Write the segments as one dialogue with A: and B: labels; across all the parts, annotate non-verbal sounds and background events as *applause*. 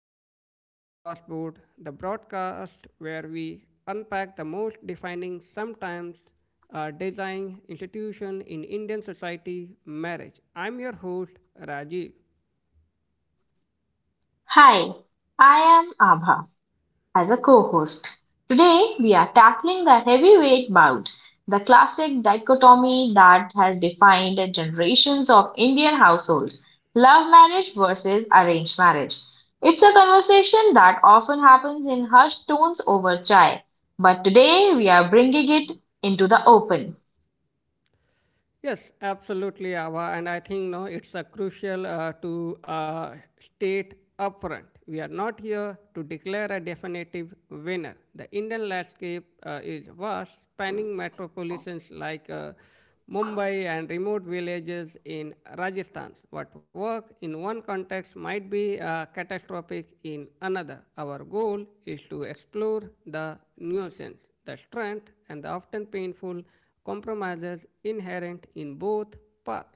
A: Matrimonial Crossboard, the broadcast where we unpack the most defining, sometimes design institution in Indian society marriage. I'm your host, Rajiv.
B: Hi, I am Abha as a co host. Today we are tackling the heavyweight bout, the classic dichotomy that has defined generations of Indian households love marriage versus arranged marriage. It's a conversation that often happens in hushed tones over chai, but today we are bringing it into the open.
A: Yes, absolutely, Ava. And I think no, it's a crucial to state upfront. We are not here to declare a definitive winner. The Indian landscape is vast, spanning metropolitans like Mumbai and remote villages in Rajasthan. What work in one context might be catastrophic in another. Our goal is to explore the nuisance, the strength, and the often painful compromises inherent in both paths.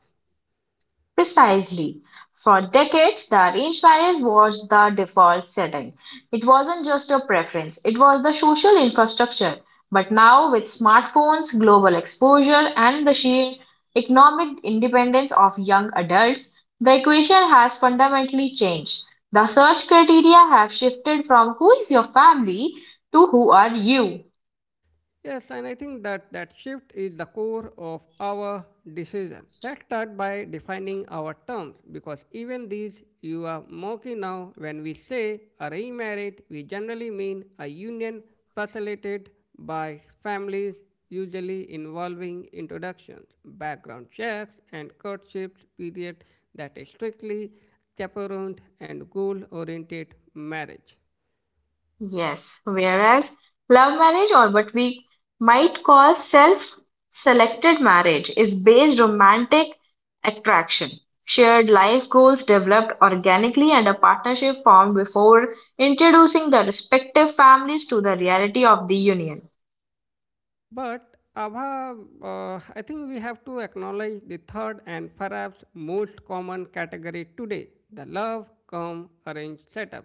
B: Precisely. For decades, the arranged marriage was the default setting. It wasn't just a preference, it was the social infrastructure. But now, with smartphones, global exposure, and the sheer economic independence of young adults, the equation has fundamentally changed. The search criteria have shifted from who is your family to who are you.
A: Yes, and I think that shift is the core of our decision. Let's start by defining our terms, because even these you are mocking now. When we say a remarriage, we generally mean a union facilitated by families, usually involving introductions, background checks, and courtship period that is strictly chaperoned and goal oriented marriage.
B: Yes, whereas love marriage, or what we might call self selected marriage, is based romantic attraction. Shared life goals developed organically and a partnership formed before introducing the respective families to the reality of the union.
A: But Abha, I think we have to acknowledge the third and perhaps most common category today, the love come arranged setup.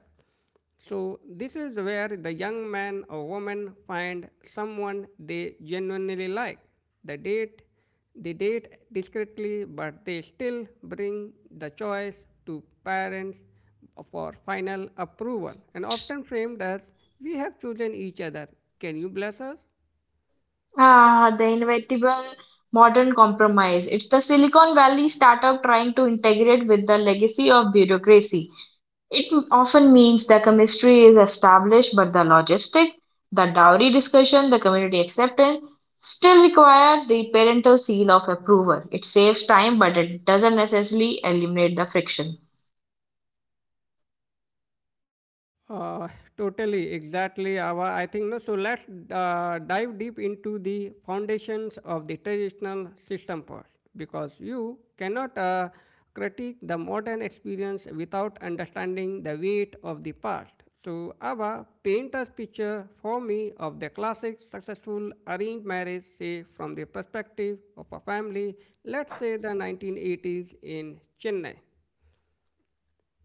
A: So this is where the young man or woman find someone they genuinely like. The date, they date discreetly, but they still bring the choice to parents for final approval and often framed as, "We have chosen each other. Can you bless us?"
B: Ah, the inevitable modern compromise. It's the Silicon Valley startup trying to integrate with the legacy of bureaucracy. It often means the chemistry is established, but the logistic, the dowry discussion, the community acceptance still require the parental seal of approval. It saves time, but it doesn't necessarily eliminate the friction.
A: Uh, Totally, exactly. Ava, I think no. So let's dive deep into the foundations of the traditional system first, because you cannot critique the modern experience without understanding the weight of the past. So Ava, paint us picture for me of the classic successful arranged marriage, say from the perspective of a family, let's say the 1980s in Chennai.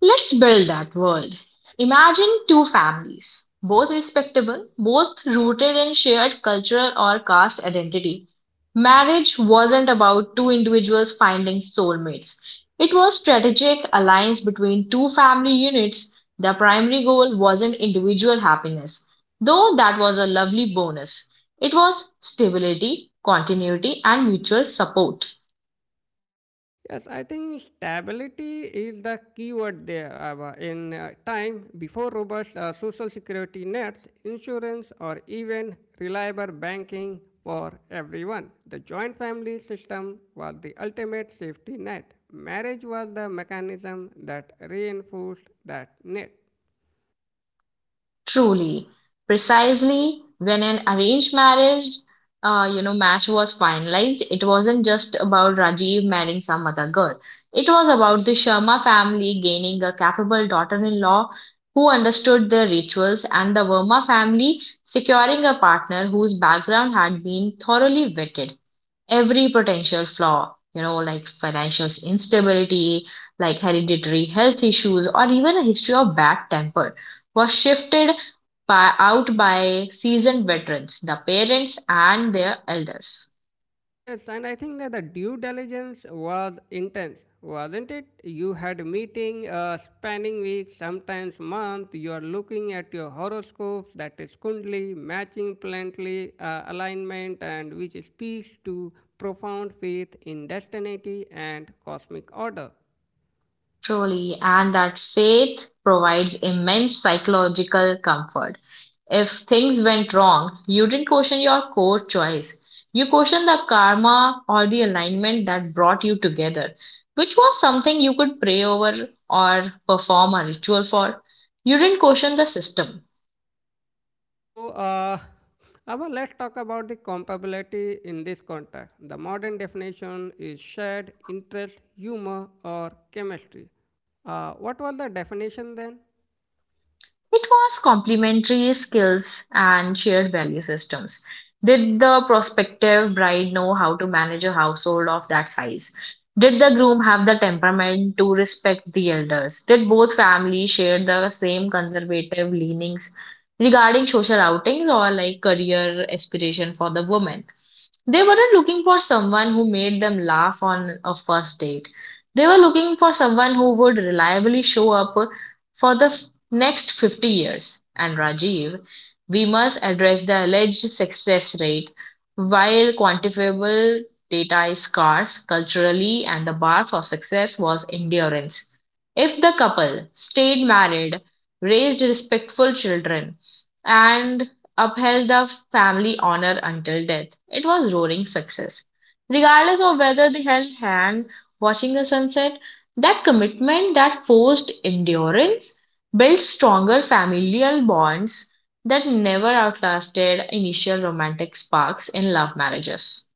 B: Let's build that world. Imagine two families, both respectable, both rooted in shared cultural or caste identity. Marriage wasn't about two individuals finding soulmates. It was strategic alliance between two family units. The primary goal wasn't individual happiness, though that was a lovely bonus. It was stability, continuity and mutual support.
A: Yes, I think stability is the key word there, Ava. In time, before robust social security nets, insurance, or even reliable banking for everyone, the joint family system was the ultimate safety net. Marriage was the mechanism that reinforced that net.
B: Truly, precisely when an arranged marriage, you know, match was finalized, it wasn't just about Rajiv marrying some other girl. It was about the Sharma family gaining a capable daughter-in-law who understood their rituals, and the Verma family securing a partner whose background had been thoroughly vetted every potential flaw, you know, like financial instability, like hereditary health issues, or even a history of bad temper, was shifted by, out by seasoned veterans, the parents and their elders.
A: Yes, and I think that the due diligence was intense, wasn't it? You had meeting spanning weeks, sometimes months. You are looking at your horoscopes, that is Kundli, matching planetary alignment, and which speaks to profound faith in destiny and cosmic order.
B: Truly, and that faith provides immense psychological comfort. If things went wrong, you didn't question your core choice. You questioned the karma or the alignment that brought you together, which was something you could pray over or perform a ritual for. You didn't question the system.
A: So, now let's talk about the compatibility in this context. The modern definition is shared interest, humor, or chemistry. What was the definition then?
B: It was complementary skills and shared value systems. Did the prospective bride know how to manage a household of that size? Did the groom have the temperament to respect the elders? Did both families share the same conservative leanings regarding social outings or like career aspiration for the woman? They weren't looking for someone who made them laugh on a first date. They were looking for someone who would reliably show up for the next 50 years. And Rajiv, we must address the alleged success rate. While quantifiable data is scarce culturally, and the bar for success was endurance. If the couple stayed married, raised respectful children, and upheld the family honor until death. It was roaring success. Regardless of whether they held hand watching the sunset, that commitment, that forced endurance, built stronger familial bonds that never outlasted initial romantic sparks in love marriages.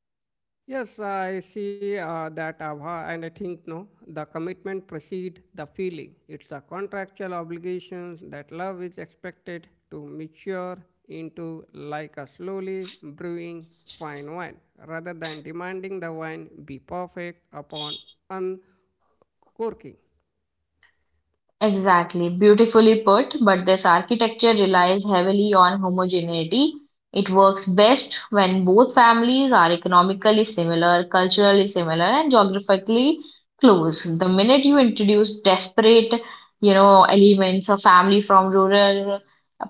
A: Yes, I see that Abha, and I think no, the commitment precede the feeling. It's a contractual obligation that love is expected to mature into like a slowly brewing fine wine, rather than demanding the wine be perfect upon uncorking.
B: Exactly, beautifully put, but this architecture relies heavily on homogeneity. It works best when both families are economically similar, culturally similar, and geographically close. The minute you introduce desperate, you know, elements, a family from rural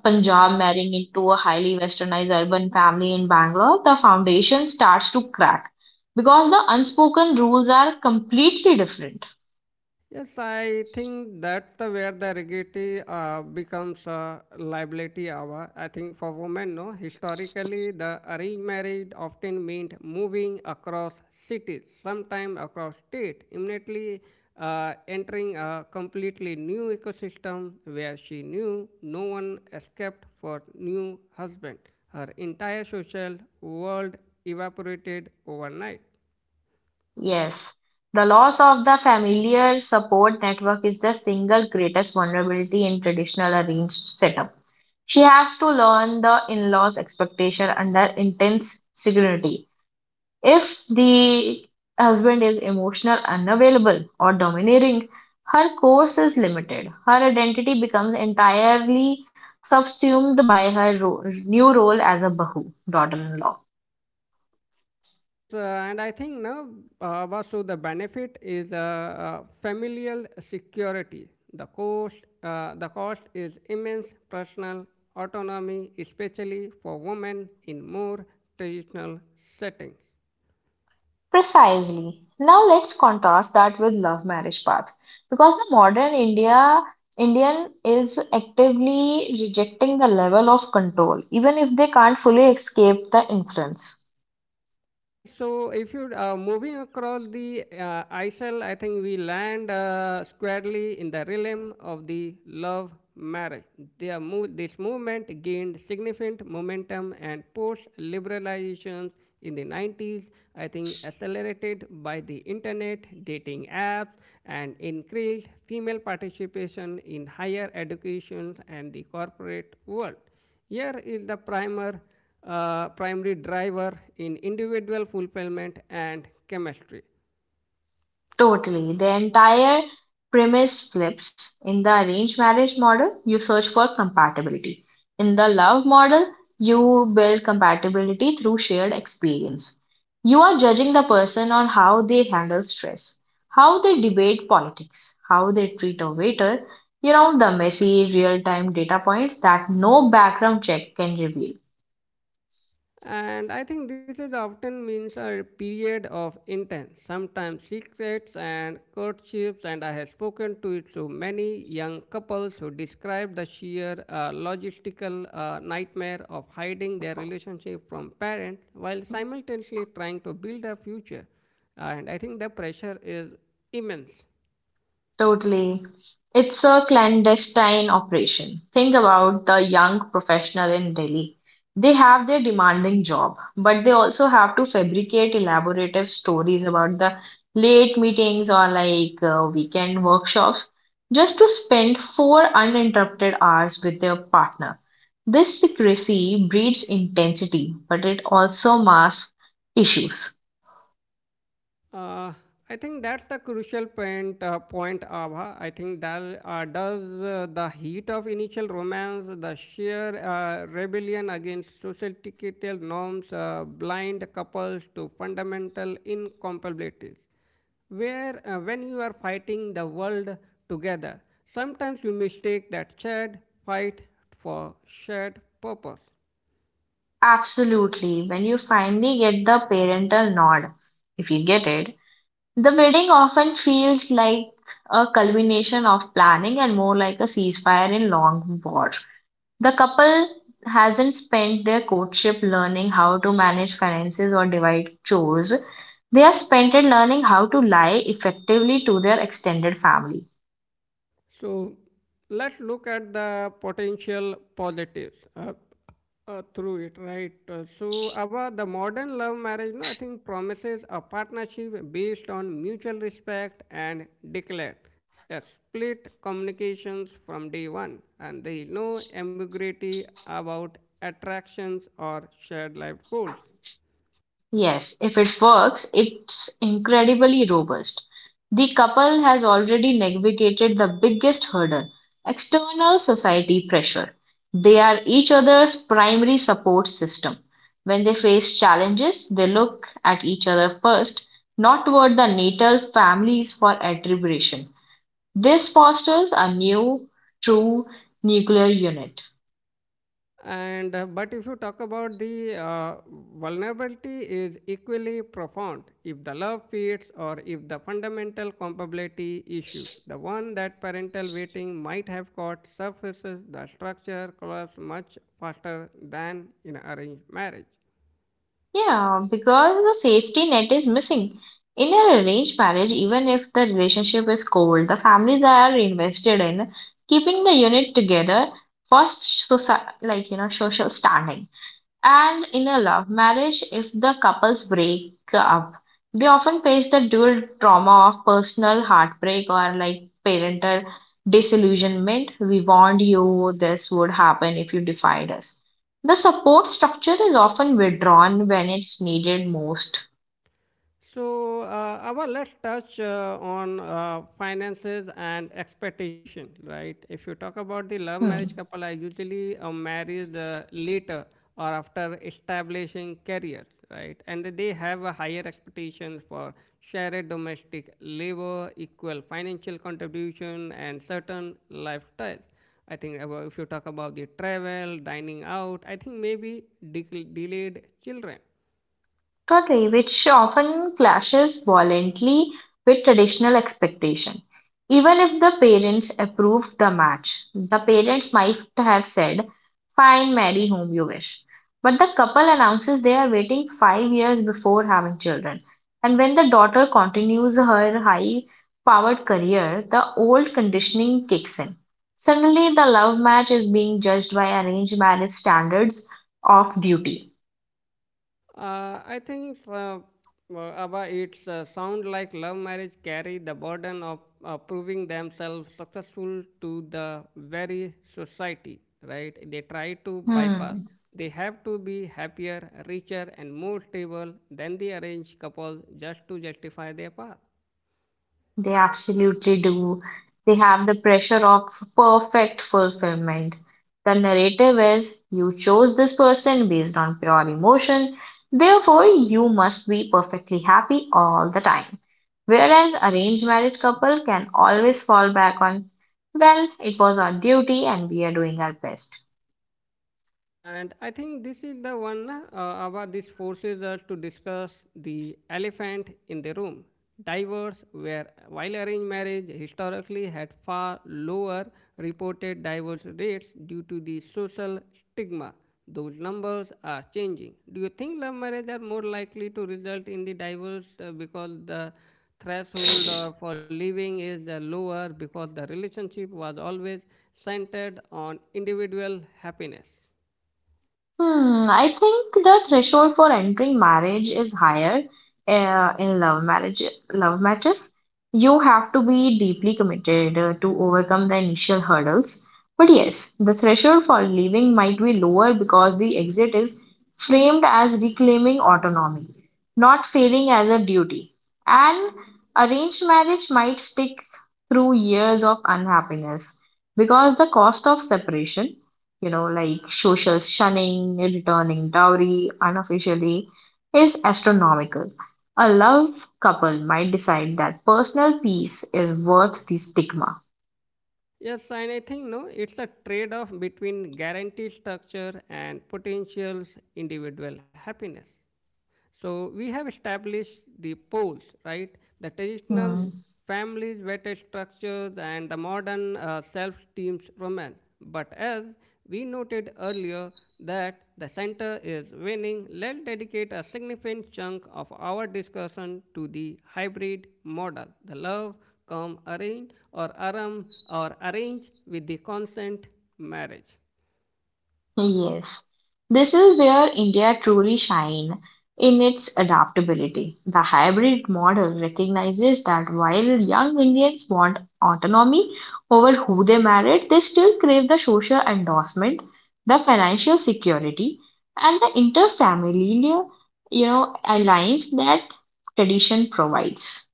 B: Punjab marrying into a highly westernized urban family in Bangalore, the foundation starts to crack because the unspoken rules are completely different.
A: Yes, I think that's the where the rigidity becomes a liability hour. I think for women, no, historically the arranged marriage often meant moving across cities, sometimes across state, immediately entering a completely new ecosystem where she knew no one escaped for new husband. Her entire social world evaporated overnight.
B: Yes, the loss of the familiar support network is the single greatest vulnerability in traditional arranged setup. She has to learn the in-laws' expectation under intense scrutiny. If the husband is emotional, unavailable, or domineering, her course is limited. Her identity becomes entirely subsumed by her new role as a Bahu, daughter-in-law.
A: Yes, and I think now, Vasu, the benefit is familial security. The cost is immense personal autonomy, especially for women in more traditional settings.
B: Precisely. Now let's contrast that with love marriage path because the modern India Indian is actively rejecting the level of control even if they can't fully escape the influence.
A: Yeah, so if you moving across the ISL, I think we land squarely in the realm of the love marriage. This movement gained significant momentum and post liberalizations in the 90s, I think accelerated by the internet, dating apps, and increased female participation in higher education and the corporate world. Here is the primary driver in individual fulfillment and chemistry.
B: Totally. The entire premise flips. In the arranged marriage model, you search for compatibility. In the love model, you build compatibility through shared experience. You are judging the person on how they handle stress, how they debate politics, how they treat a waiter, you know, the messy real time data points that no background check can reveal.
A: And I think this is often means a period of intense, sometimes secrets and courtships. And I have spoken to it to many young couples who describe the sheer logistical nightmare of hiding their relationship from parents while simultaneously trying to build a future. And I think the pressure is immense.
B: Totally. It's a clandestine operation. Think about the young professional in Delhi. They have their demanding job, but they also have to fabricate elaborative stories about the late meetings or like weekend workshops just to spend four uninterrupted hours with their partner. This secrecy breeds intensity, but it also masks issues.
A: Uh, I think that's the crucial point, point Abha. I think that does the heat of initial romance, the sheer rebellion against societal norms, blind couples to fundamental incompatibilities. Where When you are fighting the world together, sometimes you mistake that shared fight for shared purpose.
B: Absolutely. When you finally get the parental nod, if you get it, the wedding often feels like a culmination of planning and more like a ceasefire in long war. The couple hasn't spent their courtship learning how to manage finances or divide chores. They have spent it learning how to lie effectively to their extended family.
A: So let's look at the potential positives through it, right? So about the modern love marriage, no, I think promises a partnership based on mutual respect and declare explicit communications from day one, and there is no ambiguity about attractions or shared life goals.
B: Yes, if it works, it's incredibly robust. The couple has already navigated the biggest hurdle external society pressure. They are each other's primary support system. When they face challenges, they look at each other first, not toward the natal families for attribution. This fosters a new, true nuclear unit.
A: And but if you talk about the vulnerability is equally profound if the love fades or if the fundamental compatibility issue, the one that parental waiting might have caught surfaces, the structure collapses much faster than in arranged marriage.
B: Yeah, because the safety net is missing. In an arranged marriage, even if the relationship is cold, the families are invested in keeping the unit together for soci like you know social standing. And in a love marriage, if the couples break up, they often face the dual trauma of personal heartbreak or like parental disillusionment. We warned you this would happen if you defied us. The support structure is often withdrawn when it's needed most.
A: So, Ava, let's touch on finances and expectation, right? If you talk about the love marriage
B: Hmm.
A: couple, I usually marry the later or after establishing careers, right? And they have a higher expectations for shared domestic labor, equal financial contribution, and certain lifestyles. I think about- if you talk about the travel, dining out, I think maybe de- delayed children.
B: Totally, which often clashes violently with traditional expectation. Even if the parents approved the match, the parents might have said, fine, marry whom you wish. But the couple announces they are waiting 5 years before having children. And when the daughter continues her high powered career, the old conditioning kicks in. Suddenly, the love match is being judged by arranged marriage standards of duty.
A: I think well, Abba, it's sound like love marriage carry the burden of proving themselves successful to the very society, right? They try to bypass.
B: Hmm.
A: They have to be happier, richer, and more stable than the arranged couple just to justify their path.
B: They absolutely do. They have the pressure of perfect fulfillment. The narrative is you chose this person based on pure emotion, therefore, you must be perfectly happy all the time. Whereas arranged marriage couple can always fall back on, well, it was our duty and we are doing our best.
A: And I think this is the one about this forces us to discuss the elephant in the room. Divorce, where while arranged marriage historically had far lower reported divorce rates due to the social stigma, those numbers are changing. Do you think love marriage are more likely to result in the divorce because the threshold or for living is the lower because the relationship was always centered on individual happiness?
B: Hmm, I think the threshold for entering marriage is higher in love marriage love matches. You have to be deeply committed to overcome the initial hurdles. But yes, the threshold for leaving might be lower because the exit is framed as reclaiming autonomy, not failing as a duty. And arranged marriage might stick through years of unhappiness because the cost of separation, you know, like social shunning, returning dowry unofficially, is astronomical. A love couple might decide that personal peace is worth the stigma.
A: Yes, and I think no, it's a trade-off between guarantee structure and potential individual happiness. So we have established the poles, right? The traditional
B: Hmm.
A: families, vetted structures, and the modern self-teamed romance. But as we noted earlier, that the center is winning, let's dedicate a significant chunk of our discussion to the hybrid model, the love come arranged or aram or arranged with the consent marriage.
B: Yes, this is where India truly shine in its adaptability. The hybrid model recognizes that while young Indians want autonomy over who they married, they still crave the social endorsement, the financial security, and the interfamilial, you know, alliance that tradition provides.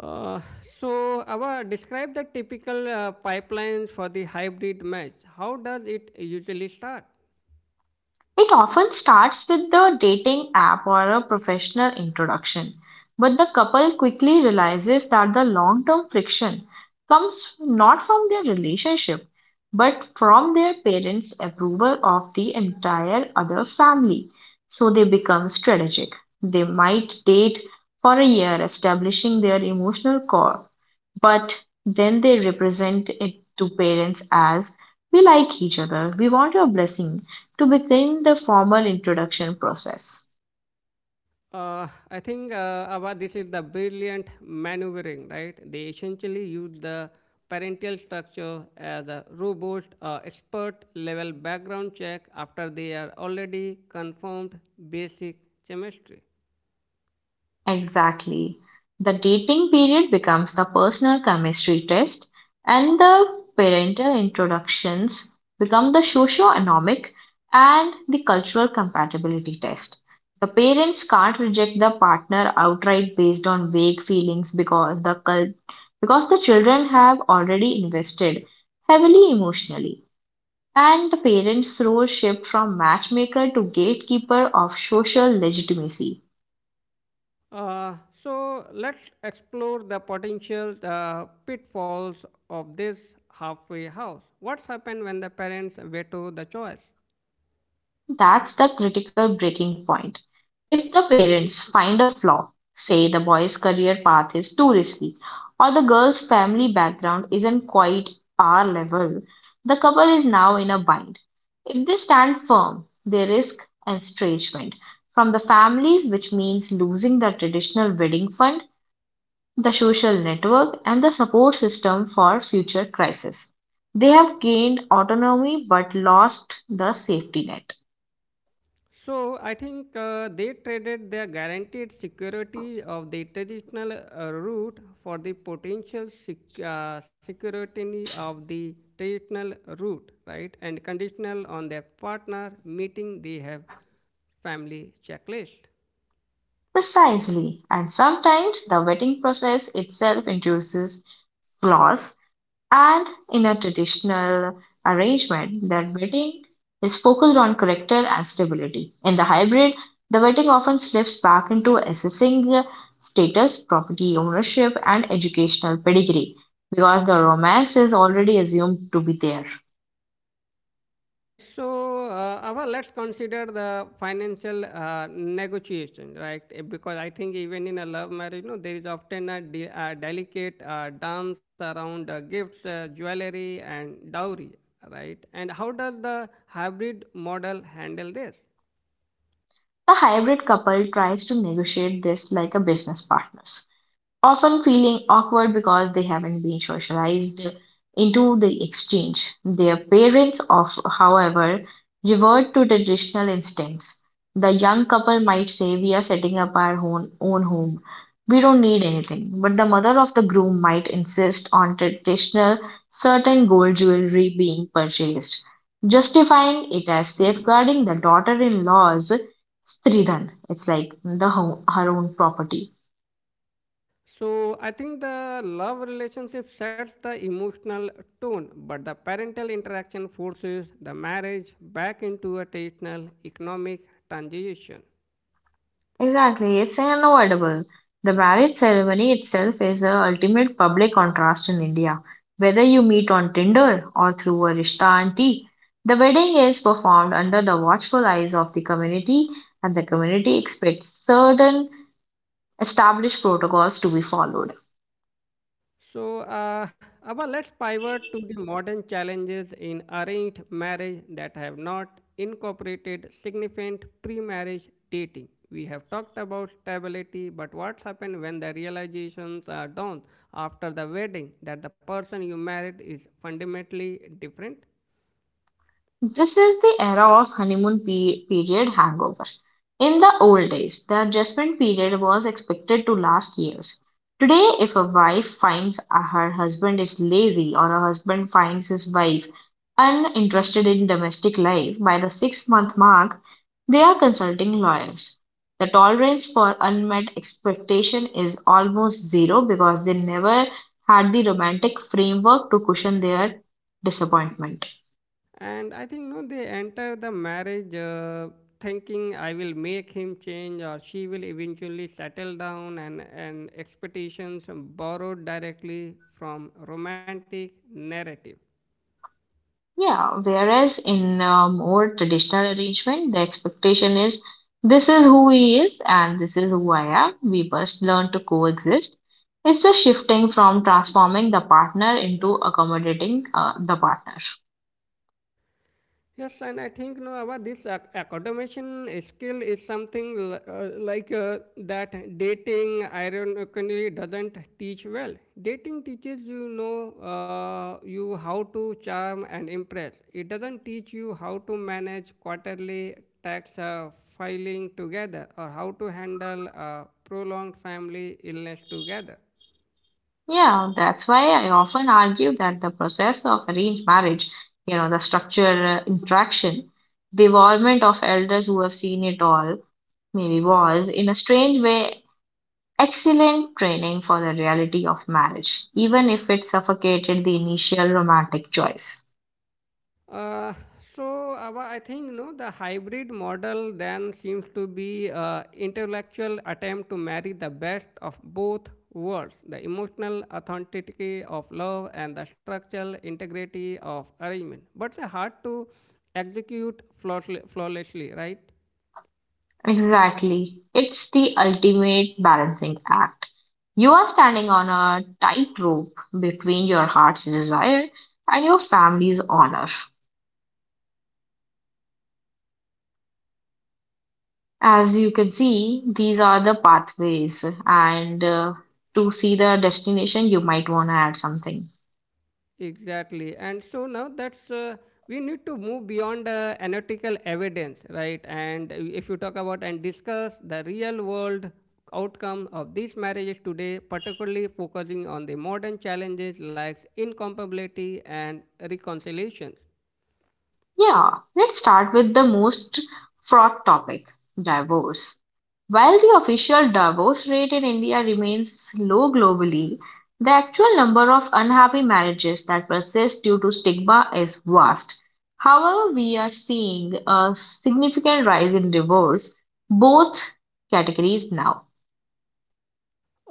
A: Uh, so, our describe the typical pipelines for the hybrid mesh. How does it usually start?
B: It often starts with the dating app or a professional introduction, but the couple quickly realizes that the long term friction comes not from their relationship but from their parents' approval of the entire other family. So they become strategic. They might date for a year, establishing their emotional core, but then they represent it to parents as we like each other, we want your blessing to begin the formal introduction process.
A: I think Abha, this is the brilliant maneuvering, right? They essentially use the parental structure as a robust expert level background check after they are already confirmed basic chemistry.
B: Exactly. The dating period becomes the personal chemistry test, and the parental introductions become the socio-economic and the cultural compatibility test. The parents can't reject the partner outright based on vague feelings because the because the children have already invested heavily emotionally. And the parents' role shift from matchmaker to gatekeeper of social legitimacy.
A: Uh, so let's explore the potential pitfalls of this halfway house. What's happened when the parents veto the choice?
B: That's the critical breaking point. If the parents find a flaw, say the boy's career path is too risky, or the girl's family background isn't quite our level, the couple is now in a bind. If they stand firm, they risk estrangement from the families, which means losing the traditional wedding fund, the social network, and the support system for future crises. They have gained autonomy but lost the safety net.
A: So I think they traded their guaranteed security of the traditional route for the potential security of the traditional route, right? And conditional on their partner meeting they have family checklist.
B: Precisely, and sometimes the vetting process itself introduces flaws. And in a traditional arrangement, the wedding is focused on character and stability. In the hybrid, the wedding often slips back into assessing status, property ownership, and educational pedigree because the romance is already assumed to be there.
A: Yeah, so Ava, let's consider the financial negotiation, right? Eh, because I think even in a love marriage, no, there is often a delicate dance around gifts, jewelry, and dowry, right? And how does the hybrid model handle this?
B: The hybrid couple tries to negotiate this like a business partners, often feeling awkward because they haven't been socialized into the exchange. Their parents, of, however, revert to traditional instincts. The young couple might say, we are setting up our own home. We don't need anything. But the mother of the groom might insist on traditional certain gold jewelry being purchased, justifying it as safeguarding the daughter in law's stridhan. It's like her own property.
A: So I think the love relationship sets the emotional tone, but the parental interaction forces the marriage back into a traditional economic transition.
B: Exactly, it's unavoidable. The marriage ceremony itself is the ultimate public contrast in India. Whether you meet on Tinder or through a Rishta and tea, the wedding is performed under the watchful eyes of the community, and the community expects certain established protocols to be followed.
A: So, Abba, let's pivot to the modern challenges in arranged marriage that have not incorporated significant pre marriage dating. We have talked about stability, but what happens when the realizations are done after the wedding that the person you married is fundamentally different?
B: This is the era of period hangover. In the old days, the adjustment period was expected to last years. Today, if a wife her husband is lazy or a husband finds his wife uninterested in domestic life by the 6 month mark, they are consulting lawyers. The tolerance for unmet expectation is almost zero because they never had the romantic framework to cushion their disappointment.
A: And I think no, they enter the marriage thinking, "I will make him change," or, "She will eventually settle down," and expectations borrowed directly from romantic narrative.
B: Yeah, whereas in a more traditional arrangement, the expectation is this is who he is and this is who I am. We must learn to coexist. It's the shifting from transforming the partner into accommodating the partner.
A: Yes, and I think no, our this accommodation skill is something like that dating ironically doesn't teach well. Dating teaches you know you how to charm and impress. It doesn't teach you how to manage quarterly tax filing together or how to handle a prolonged family illness together.
B: Yeah, that's why I often argue that the process of arranged marriage, you know, the structure, interaction, the involvement of elders who have seen it all, maybe was, in a strange way, excellent training for the reality of marriage, even if it suffocated the initial romantic choice.
A: Uh, so I think you know the hybrid model then seems to be intellectual attempt to marry the best of both worlds: the emotional authenticity of love and the structural integrity of arrangement. But they're hard to execute flawlessly, right?
B: Exactly. It's the ultimate balancing act. You are standing on a tightrope between your heart's desire and your family's honor. As you can see, these are the pathways, and to see the destination, you might want to add something.
A: Exactly. And so now that's we need to move beyond analytical evidence, right? And if you talk about and discuss the real world outcome of these marriages today, particularly focusing on the modern challenges like incompatibility and reconciliations.
B: Yeah, let's start with the most fraught topic, divorce. While the official divorce rate in India remains low globally, the actual number of unhappy marriages that persist due to stigma is vast. However, we are seeing a significant rise in divorce, both categories now.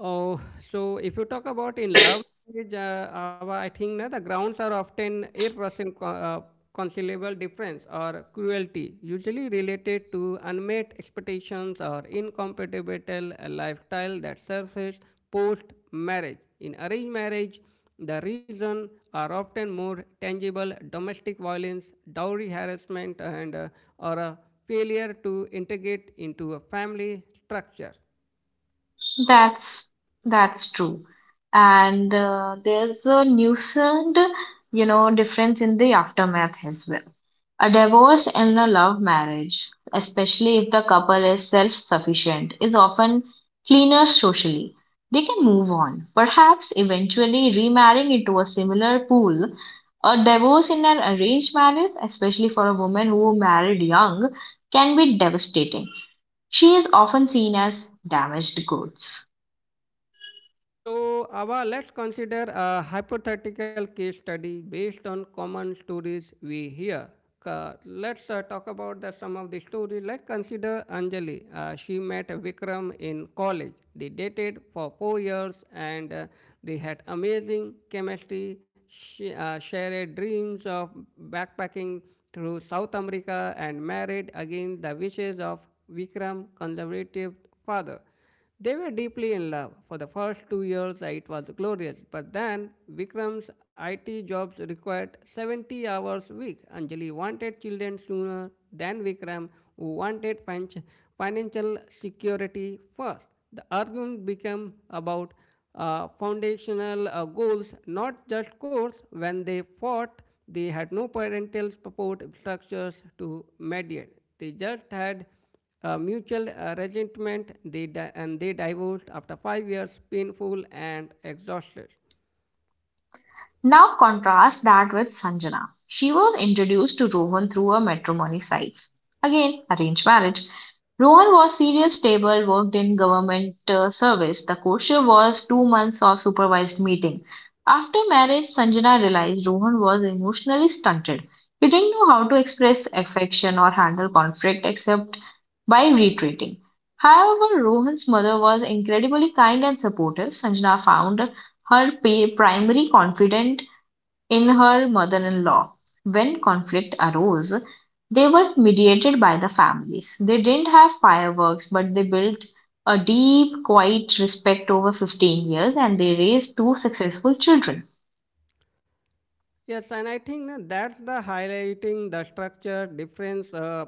A: Oh, so if you talk about in love marriage, our, I think na, the grounds are often irreconcilable conciliable difference or cruelty, usually related to unmet expectations or incompatible lifestyle that surface post marriage. In arranged marriage, the reason are often more tangible domestic violence, dowry harassment, and or a failure to integrate into a family structure.
B: That's that's true. And there's a nuisance, you know, difference in the aftermath as well. A divorce and a love marriage, especially if the couple is self-sufficient, is often cleaner socially. They can move on, perhaps eventually remarrying into a similar pool. A divorce in an arranged marriage, especially for a woman who married young, can be devastating. She is often seen as damaged goods.
A: So, Ava, let's consider a hypothetical case study based on common stories we hear. Let's talk about some of the stories. Like consider Anjali. She met Vikram in college. They dated for 4 years and they had amazing chemistry. She shared dreams of backpacking through South America and married against the wishes of Vikram's conservative father. They were deeply in love. For the first 2 years, it was glorious. But then, Vikram's IT jobs required 70 hours a week. Anjali wanted children sooner than Vikram, who wanted financial security first. The argument became about foundational goals, not just goals. When they fought, they had no parental support structures to mediate. They just had mutual resentment and they divorced after 5 years, painful and exhausted.
B: Now contrast that with Sanjana. She was introduced to Rohan through her matrimony sites. Again, arranged marriage. Rohan was serious, stable, worked in government service. The courtship was 2 months of supervised meeting. After marriage, Sanjana realized Rohan was emotionally stunted. He didn't know how to express affection or handle conflict except by retreating. However, Rohan's mother was incredibly kind and supportive. Sanjana found her primary confidant in her mother-in-law. When conflict arose, they were mediated by the families. They didn't have fireworks, but they built a deep, quiet respect over 15 years and they raised two successful children.
A: Yes, and I think na, that's the highlighting the structure difference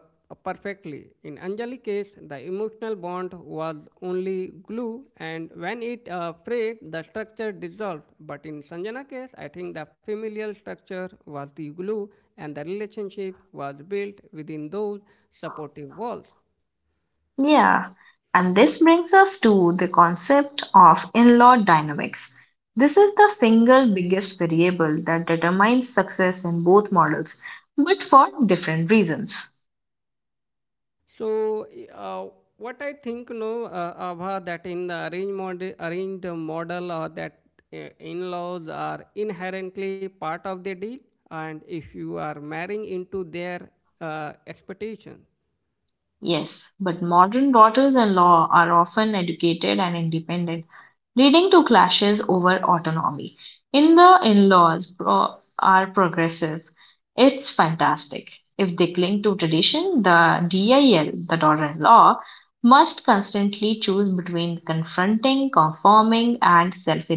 A: perfectly. In Anjali case, the emotional bond was only glue, and when it frayed, the structure dissolved. But in Sanjana case, I think the familial structure was the glue and the relationship was built within those supportive walls.
B: Yeah. And this brings us to the concept of in law dynamics. This is the single biggest variable that determines success in both models, but for different reasons.
A: So, uh, what I think, no, Abha, that in the arranged model, that in-laws are inherently part of the deal, and if you are marrying into their expectations.
B: Yes, but modern daughters in law are often educated and independent, leading to clashes over autonomy. In the are progressive. It's fantastic. If they cling to tradition, the DIL, the daughter in law, must constantly choose between confronting, conforming, and self.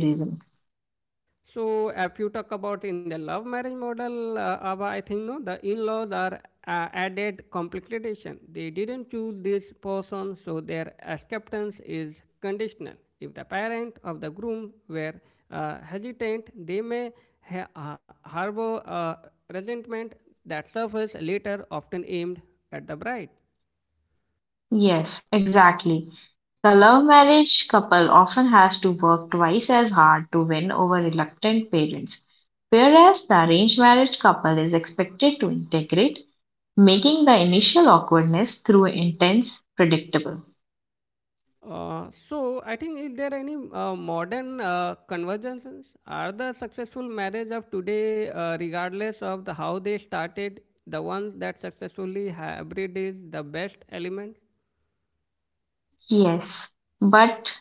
A: So, if you talk about in the love marriage model, Abha, I think no, the in-laws are added complication. They didn't choose this person, so their acceptance is conditional. If the parent of the groom were hesitant, they may harbor resentment that surfaces later, often aimed at the bride.
B: Yes, exactly. The love marriage couple often has to work twice as hard to win over reluctant parents, whereas the arranged marriage couple is expected to integrate, making the initial awkwardness through intense predictable.
A: So I think, is there any modern convergences? Are the successful marriage of today, regardless of the how they started, the ones that successfully hybrid is the best element?
B: Yes, but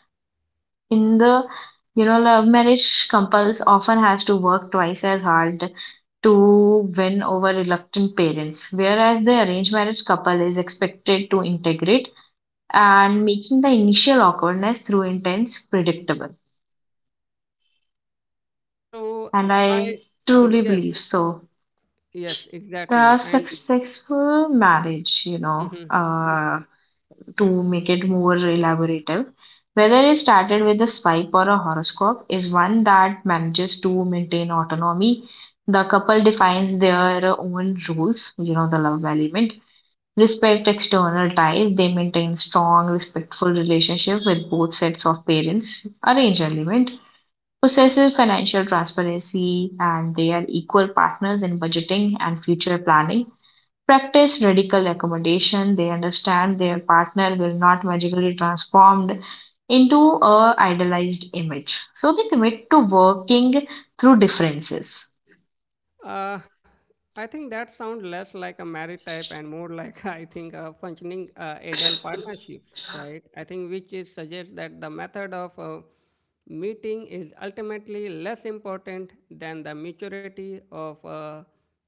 B: in the you know love marriage couples often has to work twice as hard to win over reluctant parents, whereas the arranged marriage couple is expected to integrate and making the initial awkwardness through intense predictable.
A: So
B: And
A: I
B: I truly
A: Yes,
B: believe so.
A: yes exactly,
B: The
A: and
B: successful marriage, you know,
A: *laughs*
B: to make it more elaborative, whether it started with a swipe or a horoscope, is one that manages to maintain autonomy. The couple defines their own rules, you know, the love element, respect external ties. They maintain strong, respectful relationship with both sets of parents. Arrange element possesses financial transparency and they are equal partners in budgeting and future planning. Practice radical accommodation. They understand their partner will not magically transformed into a idealized image. So they commit to working through differences.
A: Uh, I think that sounds less like a marriage type and more like *laughs* I think a functioning adult partnership, right? I think which is suggests that the method of meeting is ultimately less important than the maturity of.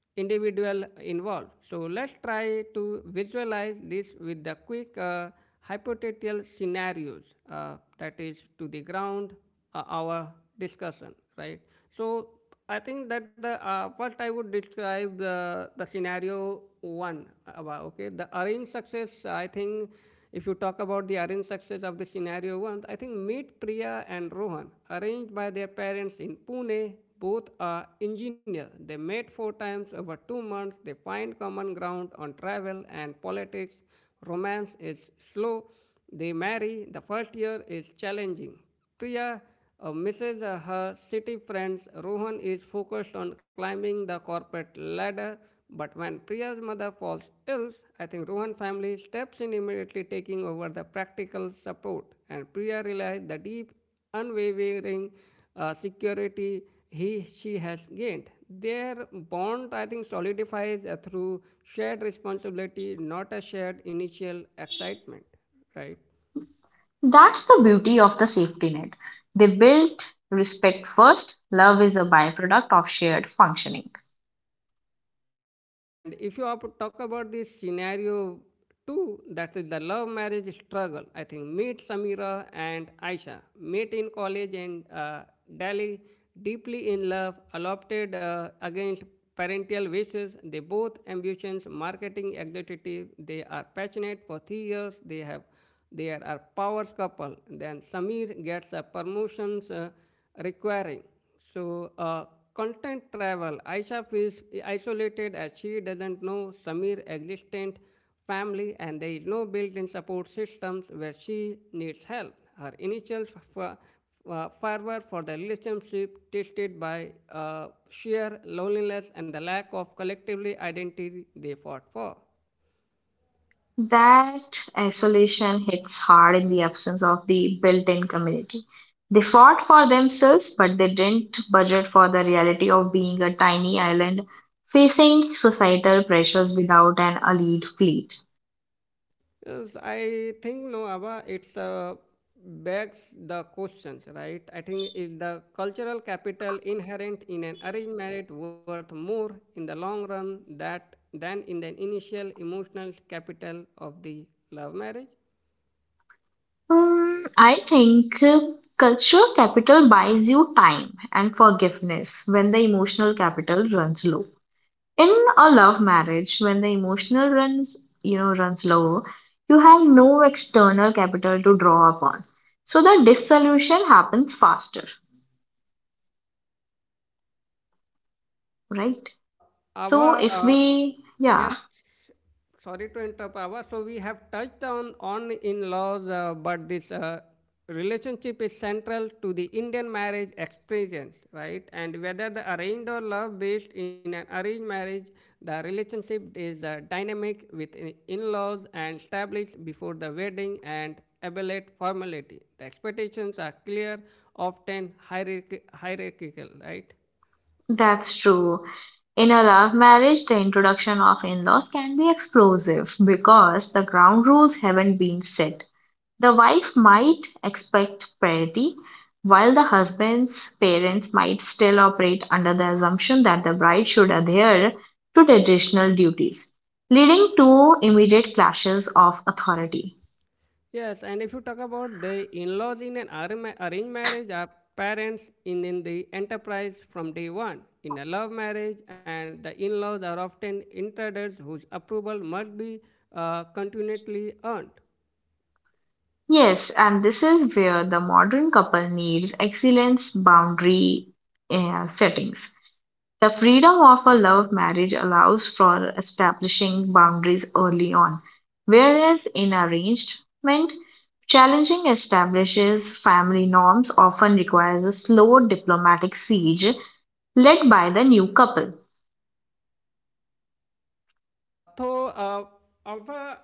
A: Individual involved. So let's try to visualize this with the quick hypothetical scenarios that is to the ground our discussion, right? So I think that the first I would describe the scenario one. Okay, the arranged success, I think if you talk about the arranged success of the scenario once, I think meet Priya and Rohan, arranged by their parents in Pune. Both are engineers. They met four times over 2 months. They find common ground on travel and politics. Romance is slow. They marry. The first year is challenging. Priya misses her city friends. Rohan is focused on climbing the corporate ladder. But when Priya's mother falls ill, I think Rohan family steps in immediately, taking over the practical support. And Priya realizes the deep, unwavering security he she has gained. Their bond, I think, solidifies through shared responsibility, not a shared initial excitement, right?
B: That's the beauty of the safety net. They built respect first. Love is a byproduct of shared functioning.
A: And if you are talk about this scenario two, that is the love marriage struggle, I think meet Samira and Aisha, met in college and Delhi, deeply in love, adopted against parental wishes. They both ambitions, marketing executive. They are passionate for 3 years. They are a powers couple. Then Samir gets a promotions requiring. So, content travel. Aisha feels isolated as she doesn't know Samir existent family and there is no built-in support systems where she needs help. Her initial f- fervor for the relationship tested by sheer loneliness and the lack of collectively identity they fought for.
B: That isolation hits hard in the absence of the built in community. They fought for themselves, but they didn't budget for the reality of being a tiny island facing societal pressures without an elite fleet.
A: Yes, I think no, Abba, it's begs the questions, right? I think is the cultural capital inherent in an arranged marriage worth more in the long run that than in the initial emotional capital of the love marriage?
B: Hmm, I think cultural capital buys you time and forgiveness when the emotional capital runs low. In a love marriage, when the emotional runs, you know, runs low, you have no external capital to draw upon, so the dissolution happens faster, right?
A: Uh,
B: So
A: Ava,
B: if
A: uh,
B: we, yeah,
A: yes, sorry to interrupt, Ava. So we have touched on in-laws, but this relationship is central to the Indian marriage experience, right? And whether the arranged or love-based, in an arranged marriage, the relationship is dynamic with in-laws and established before the wedding and abelate formality. The expectations are clear, often hierarchical, right?
B: that's true. In a love marriage the introduction of in-laws can be explosive because the ground rules haven't been set. The wife might expect parity, while the husband's parents might still operate under the assumption that the bride should adhere to traditional duties, leading to immediate clashes of authority.
A: Yes, and if you talk about the in-laws in an arranged marriage are parents in the enterprise from day one. In a love marriage, and the in-laws are often intruders whose approval must be continually earned.
B: Yes, and this is where the modern couple needs excellence boundary settings. The freedom of a love marriage allows for establishing boundaries early on, whereas in arrangement, challenging establishes family norms often requires a slow diplomatic siege led by the new couple.
A: Uh, so, uh, Alpha,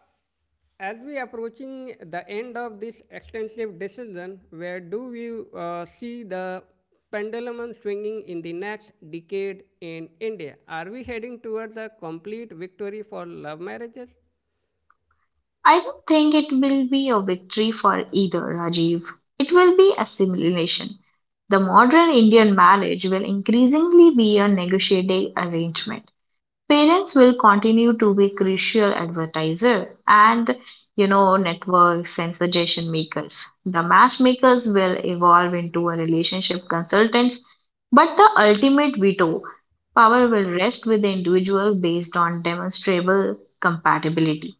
A: as we approaching the end of this extensive decision, where do we see the pendulum swinging in the next decade in India? Are we heading towards a complete victory for love marriages?
B: I don't think it will be a victory for either, Rajiv. It will be assimilation. The modern Indian marriage will increasingly be a negotiated arrangement. Parents will continue to be crucial advertiser and you know networks and suggestion makers. The matchmakers will evolve into a relationship consultants, but the ultimate veto power will rest with the individual based on demonstrable compatibility.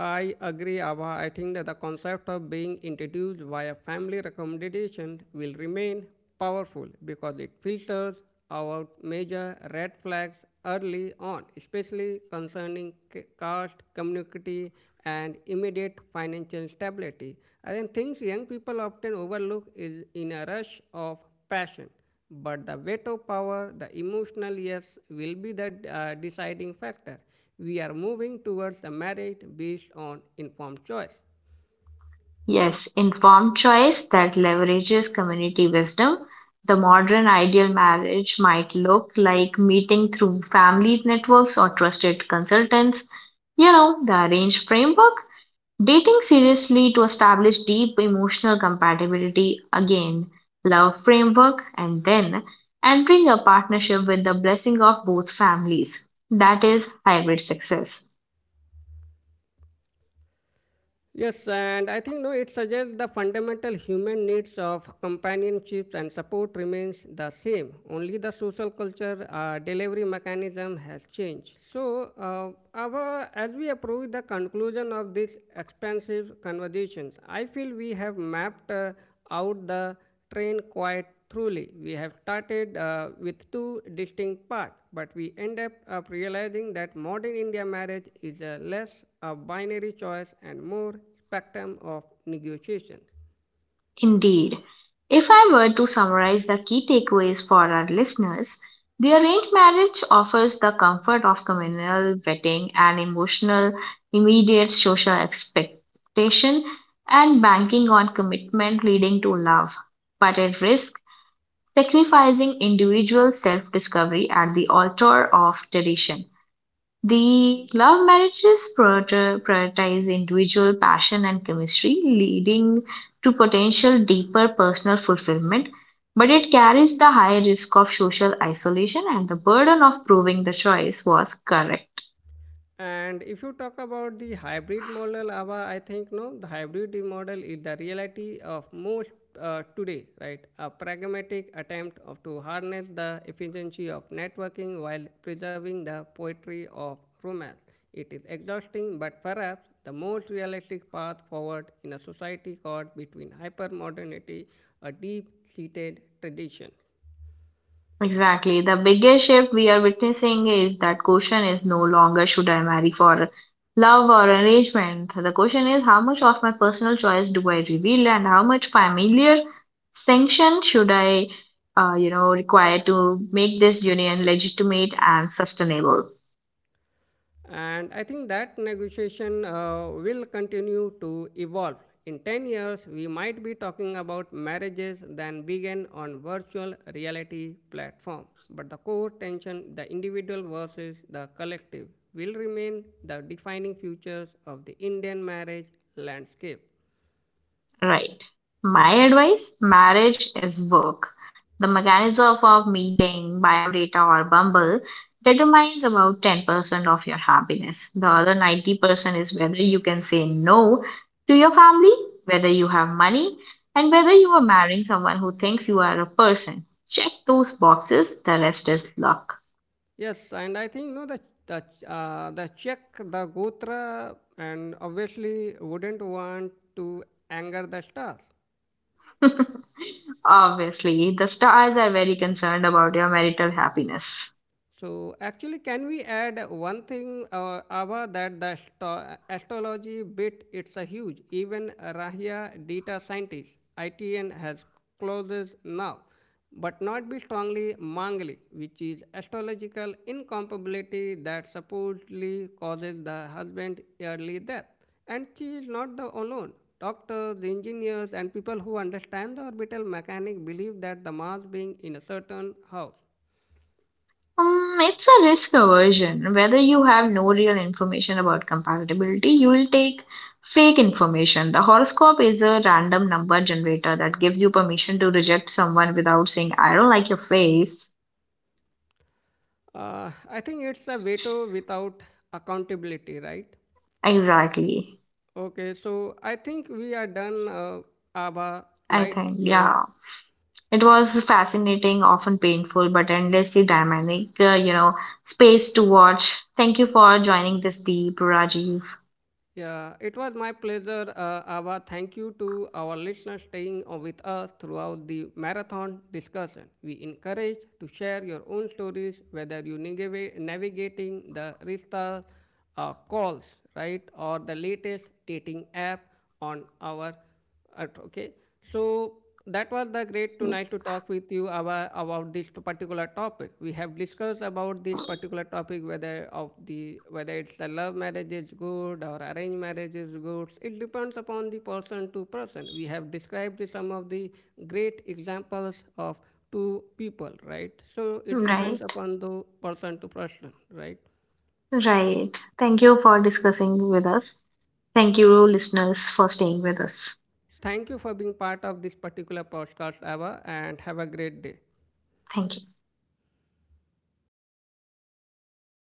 A: I agree, Ava. I think that the concept of being introduced via family recommendations will remain powerful because it filters out major red flags early on, especially concerning caste, community, and immediate financial stability. I think things young people often overlook is in a rush of passion, but the veto power, the emotional yes, will be the deciding factor. We are moving towards a marriage based on informed choice.
B: Yes, informed choice that leverages community wisdom. The modern ideal marriage might look like meeting through family networks or trusted consultants. You know, the arranged framework. Dating seriously to establish deep emotional compatibility again, love framework, and then entering a partnership with the blessing of both families. That is hybrid success.
A: Yes, and I think no, it suggests the fundamental human needs of companionship and support remains the same. Only the social culture delivery mechanism has changed. So, as we approach the conclusion of this expansive conversation, I feel we have mapped out the train quite truly. We have started with two distinct parts, but we end up realizing that modern India marriage is a less a binary choice and more spectrum of negotiation.
B: Indeed, if I were to summarize the key takeaways for our listeners, the arranged marriage offers the comfort of communal vetting and emotional, immediate social expectation and banking on commitment leading to love, but at risk sacrificing individual self discovery at the altar of tradition. The prioritize individual passion and chemistry, leading to potential deeper personal fulfillment, but it carries the high risk of social isolation and the burden of proving the choice was correct.
A: And if you talk about the hybrid model, Ava, I think no, the hybrid model is the reality of most today, right? A pragmatic attempt of to harness the efficiency of networking while preserving the poetry of romance. It is exhausting, but perhaps the most realistic path forward in a society caught between hypermodernity, a deep-seated tradition.
B: Exactly. The biggest shift we are witnessing is that question is no longer should I marry for love or arrangement. The question is how much of my personal choice do I reveal and how much familiar sanction should I, you know, require to make this union legitimate and sustainable.
A: And I think that negotiation will continue to evolve. In 10 years, we might be talking about marriages that began on virtual reality platform. But the core tension, the individual versus the collective, will remain the defining features of the Indian marriage landscape.
B: Right. My advice marriage is work. The mechanism of meeting, biodata, or Bumble determines about 10% of your happiness. The other 90% is whether you can say no to your family, whether you have money, and whether you are marrying someone who thinks you are a person. Check those boxes, the rest is luck.
A: Yes, and I think no, the the Czech, the Gotra, and obviously wouldn't want to anger the stars.
B: *laughs* Obviously, the stars are very concerned about your marital happiness.
A: So actually, can we add one thing, Ava, that the astrology bit, it's a huge. Even Rahya data scientist ITN has closes now, but not be strongly mangli, which is astrological incompatibility that supposedly causes the husband early death. And she is not the alone. Doctors, engineers, and people who understand the orbital mechanic believe that the Mars being in a certain house.
B: It's a risk aversion. Whether you have no real information about compatibility, you will take fake information. The horoscope is a random number generator that gives you permission to reject someone without saying, I don't like your face.
A: I think it's a veto without accountability, right?
B: Exactly.
A: Okay, so I think we are done, Abba,
B: I
A: right?
B: think,
A: So,
B: yeah. It was fascinating, often painful, but endlessly dynamic, you know, space to watch. Thank you for joining this deep, Rajiv.
A: yeah, it was my pleasure, Abba. Thank you to our listeners staying with us throughout the marathon discussion. We encourage to share your own stories, whether you navigate navigating the Rista calls, right, or the latest dating app on our Okay, so that was the great tonight to talk with you about this particular topic. We have discussed about this particular topic whether of the whether it's the love marriage is good or arranged marriage is good. It depends upon the person to person. We have described some of the great examples of two people, right? So it depends
B: Right.
A: upon the person to person, right?
B: Right. Thank you for discussing with us. Thank you,
A: So
B: listeners, for staying with us.
A: thank you for being part of this particular podcast, Ava, and have a great day.
B: Thank you.